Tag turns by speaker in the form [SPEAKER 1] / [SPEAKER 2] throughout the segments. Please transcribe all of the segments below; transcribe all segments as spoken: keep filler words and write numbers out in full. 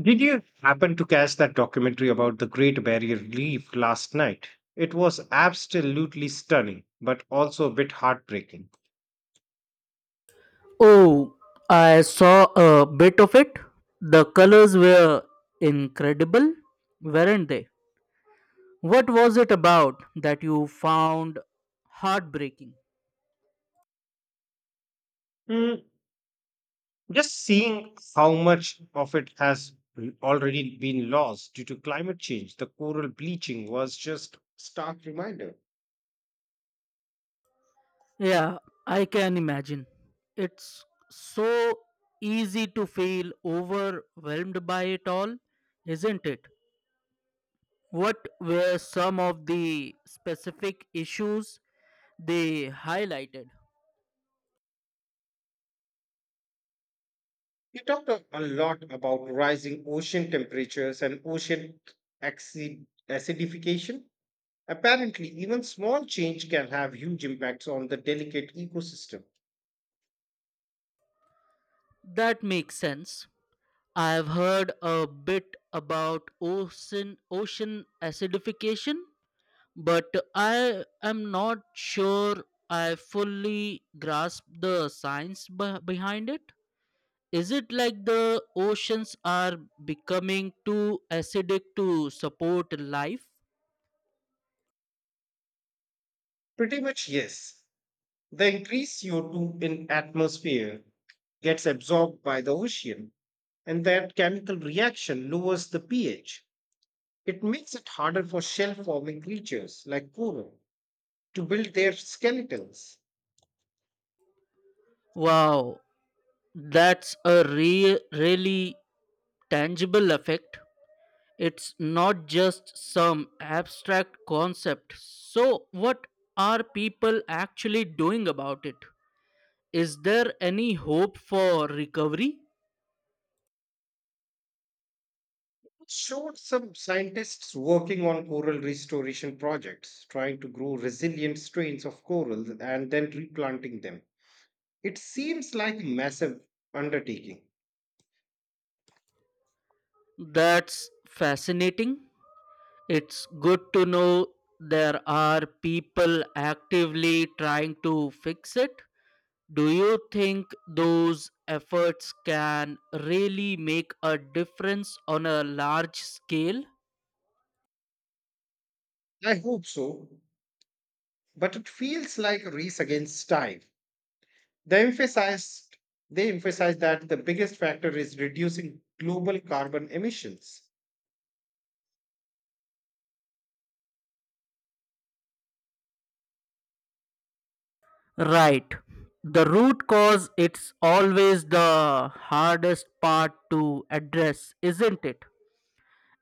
[SPEAKER 1] Did you happen to catch that documentary about the Great Barrier Reef last night? It was absolutely stunning, but also a bit heartbreaking.
[SPEAKER 2] Oh, I saw a bit of it. The colors were incredible, weren't they? What was it about that you found heartbreaking?
[SPEAKER 1] Mm, just seeing how much of it has already been lost due to climate change, the coral bleaching was just stark reminder.
[SPEAKER 2] Yeah, I can imagine. It's so easy to feel overwhelmed by it all, isn't it? What were some of the specific issues they highlighted?
[SPEAKER 1] You talked a a lot about rising ocean temperatures and ocean acid- acidification. Apparently, even small change can have huge impacts on the delicate ecosystem.
[SPEAKER 2] That makes sense. I've heard a bit about ocean ocean acidification, but I am not sure I fully grasp the science beh- behind it. Is it like the oceans are becoming too acidic to support life?
[SPEAKER 1] Pretty much yes. The increased C O two in atmosphere gets absorbed by the ocean, and that chemical reaction lowers the pH. It makes it harder for shell forming creatures like coral to build their skeletons.
[SPEAKER 2] Wow, that's a re- really tangible effect. It's not just some abstract concept. So, what are people actually doing about it? Is there any hope for recovery?
[SPEAKER 1] Showed some scientists working on coral restoration projects, trying to grow resilient strains of corals and then replanting them. It seems like a massive undertaking.
[SPEAKER 2] That's fascinating. It's good to know there are people actively trying to fix it. Do you think those efforts can really make a difference on a large scale?
[SPEAKER 1] I hope so, but it feels like a race against time. They emphasized they emphasized that the biggest factor is reducing global carbon emissions.
[SPEAKER 2] Right. The root cause it's always the hardest part to address, isn't it?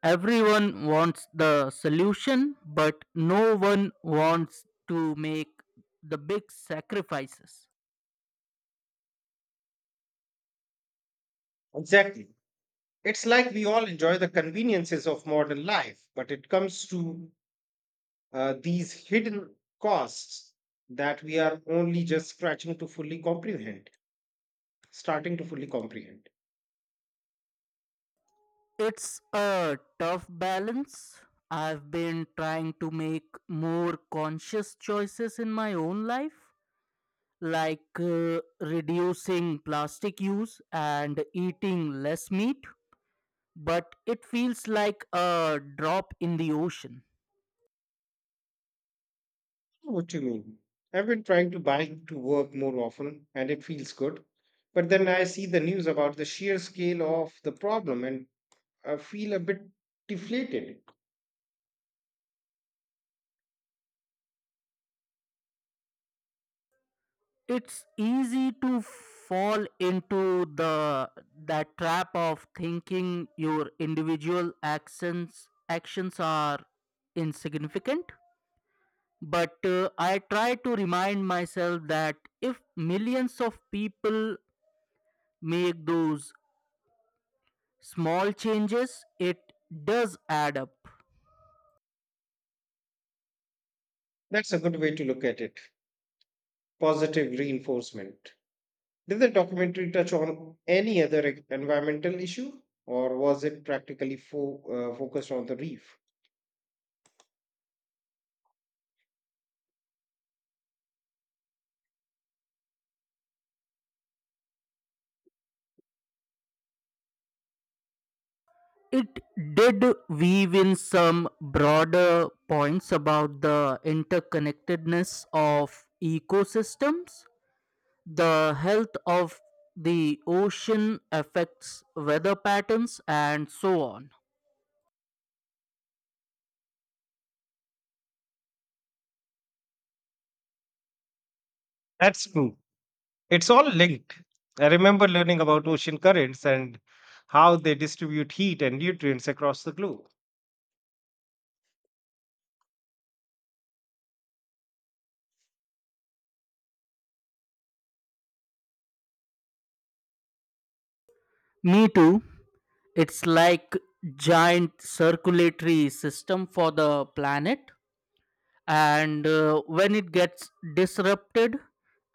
[SPEAKER 2] Everyone wants the solution, but no one wants to make the big sacrifices.
[SPEAKER 1] Exactly. It's like we all enjoy the conveniences of modern life, but it comes to uh, these hidden costs that we are only just scratching to fully comprehend, starting to fully comprehend.
[SPEAKER 2] It's a tough balance. I've been trying to make more conscious choices in my own life, like uh, reducing plastic use and eating less meat, but it feels like a drop in the ocean.
[SPEAKER 1] What you mean? I've been trying to bike to work more often and it feels good. But then I see the news about the sheer scale of the problem and I feel a bit deflated.
[SPEAKER 2] It's easy to fall into the that trap of thinking your individual actions actions are insignificant. But uh, I try to remind myself that if millions of people make those small changes, it does add up.
[SPEAKER 1] That's a good way to look at it. Positive reinforcement. Did the documentary touch on any other e- environmental issue or was it practically fo- uh, focused on the reef?
[SPEAKER 2] It did weave in some broader points about the interconnectedness of ecosystems. The health of the ocean affects weather patterns and so on.
[SPEAKER 1] That's true. It's all linked. I remember learning about ocean currents and how they distribute heat and nutrients across the globe.
[SPEAKER 2] Me too. It's like giant circulatory system for the planet, and uh, when it gets disrupted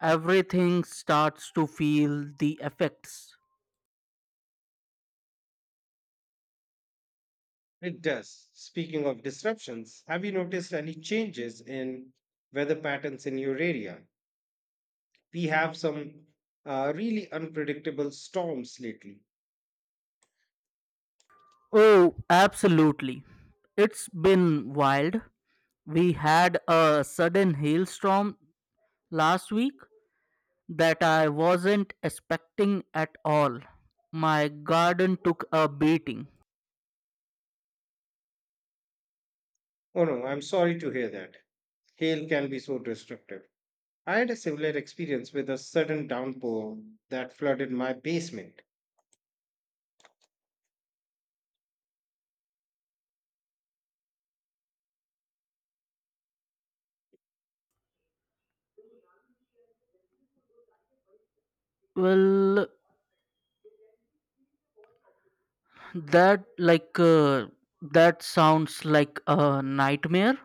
[SPEAKER 2] everything starts to feel the effects.
[SPEAKER 1] It does. Speaking of disruptions, have you noticed any changes in weather patterns in your area? We have some uh, really unpredictable storms lately.
[SPEAKER 2] Oh, absolutely. It's been wild. We had a sudden hailstorm last week that I wasn't expecting at all. My garden took a beating.
[SPEAKER 1] Oh no, I'm sorry to hear that. Hail can be so destructive. I had a similar experience with a sudden downpour that flooded my basement.
[SPEAKER 2] Well, that like uh, that sounds like a nightmare.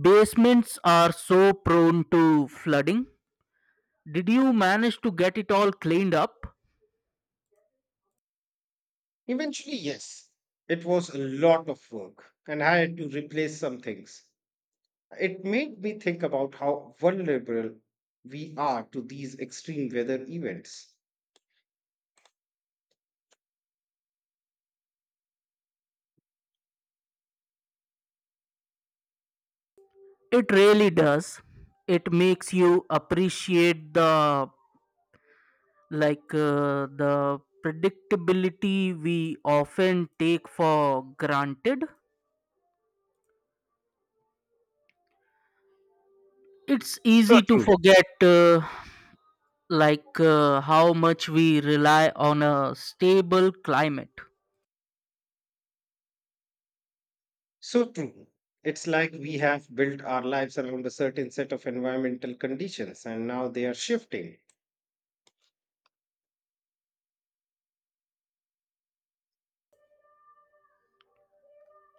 [SPEAKER 2] Basements are so prone to flooding. Did you manage to get it all cleaned up?
[SPEAKER 1] Eventually, yes. It was a lot of work, and I had to replace some things. It made me think about how vulnerable we are to these extreme weather events.
[SPEAKER 2] It really does. It makes you appreciate the like uh, the predictability we often take for granted. It's
[SPEAKER 1] So
[SPEAKER 2] easy to
[SPEAKER 1] true.
[SPEAKER 2] forget uh, like uh, how much we rely on a stable climate.
[SPEAKER 1] So true. It's like we have built our lives around a certain set of environmental conditions and now they are shifting.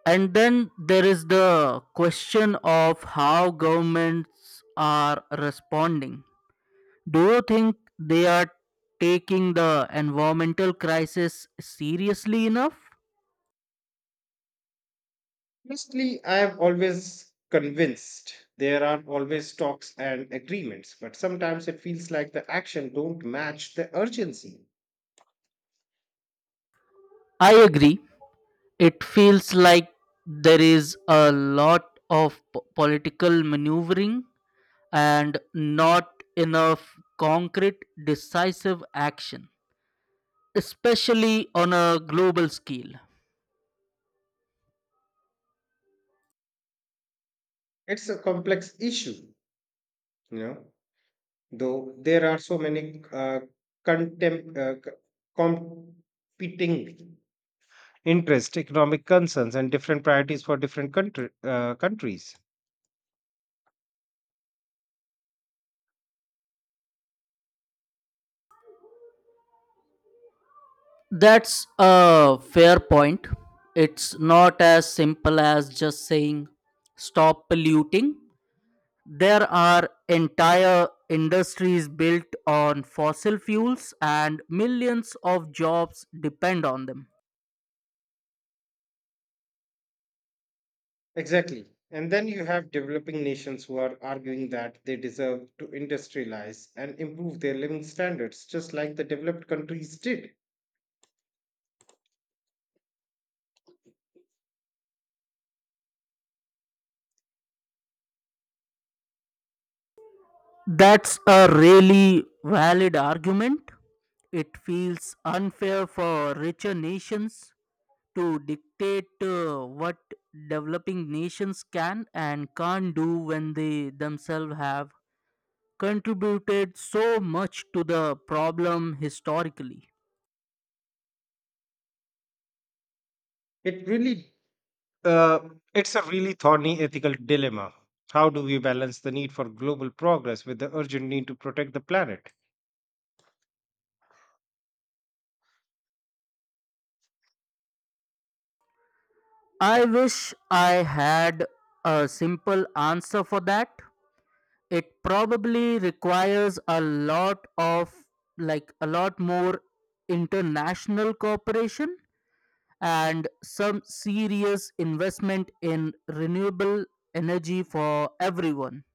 [SPEAKER 2] And then there is the question of how governments are responding. Do you think they are taking the environmental crisis seriously enough?
[SPEAKER 1] Honestly, I have always convinced there are always talks and agreements, but sometimes it feels like the action don't match the urgency.
[SPEAKER 2] I agree. It feels like there is a lot of p- political maneuvering and not enough concrete, decisive action, especially on a global scale.
[SPEAKER 1] It's a complex issue, you know, though there are so many uh, contem- uh, c- competing interest economic concerns and different priorities for different country, uh, countries.
[SPEAKER 2] That's a fair point. It's not as simple as just saying stop polluting. There are entire industries built on fossil fuels and millions of jobs depend on them.
[SPEAKER 1] Exactly. And then you have developing nations who are arguing that they deserve to industrialize and improve their living standards, just like the developed countries did.
[SPEAKER 2] That's a really valid argument. It feels unfair for richer nations to dictate uh, what developing nations can and can't do when they themselves have contributed so much to the problem historically.
[SPEAKER 1] It really, uh, it's a really thorny ethical dilemma. How do we balance the need for global progress with the urgent need to protect the planet?
[SPEAKER 2] I wish I had a simple answer for that. It probably requires a lot of, like, a lot more international cooperation and some serious investment in renewable energy for everyone.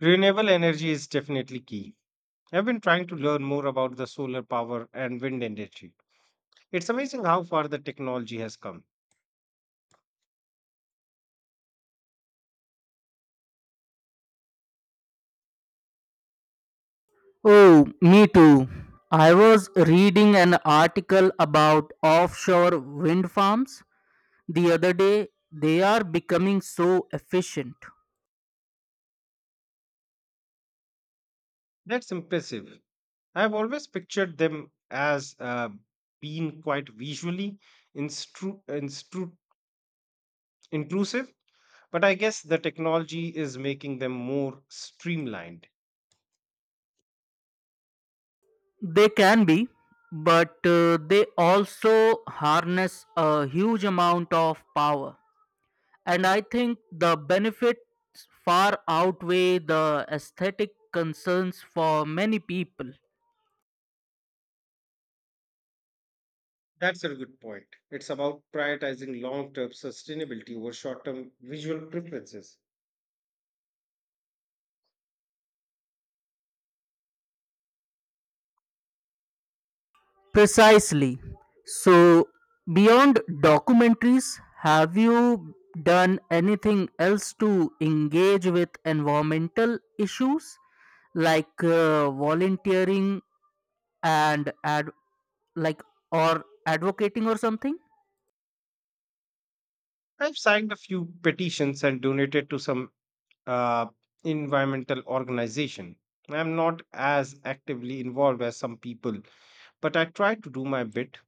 [SPEAKER 1] Renewable energy is definitely key. I've been trying to learn more about the solar power and wind industry. It's amazing how far the technology has come.
[SPEAKER 2] Oh, me too. I was reading an article about offshore wind farms the other day. They are becoming so efficient.
[SPEAKER 1] That's impressive. I've always pictured them as uh, being quite visually instru- instru- intrusive, but I guess the technology is making them more streamlined.
[SPEAKER 2] They can be, but uh, they also harness a huge amount of power. And I think the benefits far outweigh the aesthetic concerns for many people.
[SPEAKER 1] That's a good point. It's about prioritizing long term sustainability over short term visual preferences.
[SPEAKER 2] Precisely. So, beyond documentaries, have you done anything else to engage with environmental issues, like uh, volunteering and advocacy? Like or advocating or something.
[SPEAKER 1] I've signed a few petitions and donated to some uh, environmental organization. I'm not as actively involved as some people, but I try to do my bit.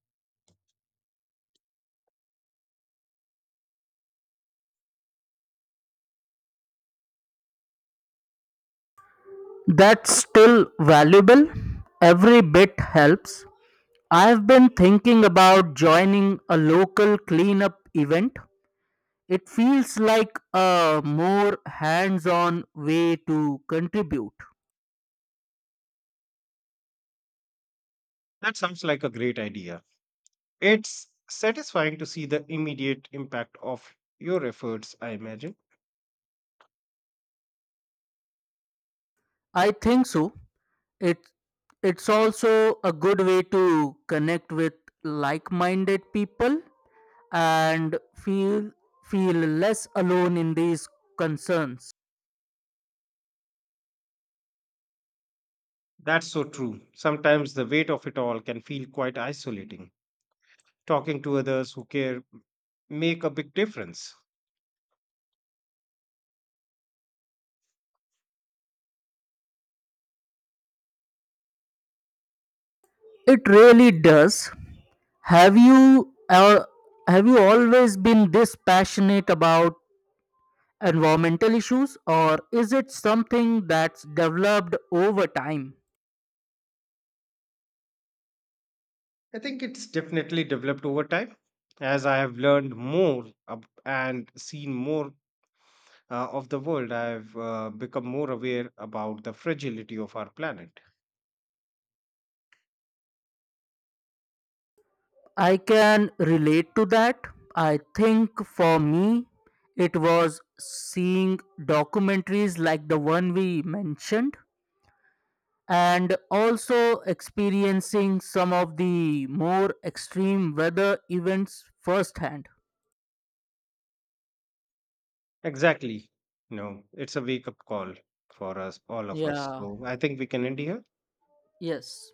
[SPEAKER 2] That's still valuable, every bit helps. I've been thinking about joining a local cleanup event, it feels like a more hands-on way to contribute.
[SPEAKER 1] That sounds like a great idea. It's satisfying to see the immediate impact of your efforts, I imagine.
[SPEAKER 2] I think so. It it's also a good way to connect with like-minded people and feel feel less alone in these concerns.
[SPEAKER 1] That's so true. Sometimes the weight of it all can feel quite isolating. Talking to others who care make a big difference.
[SPEAKER 2] It really does. Have you uh, have you always been this passionate about environmental issues, or is it something that's developed over time?
[SPEAKER 1] I think it's definitely developed over time. As I have learned more ab- and seen more uh, of the world, I've uh, become more aware about the fragility of our planet.
[SPEAKER 2] I can relate to that. I think for me it was seeing documentaries like the one we mentioned, and also experiencing some of the more extreme weather events firsthand.
[SPEAKER 1] Exactly. No, it's a wake up call for us, all of us.
[SPEAKER 2] Yeah,
[SPEAKER 1] So I think we can end here.
[SPEAKER 2] yes.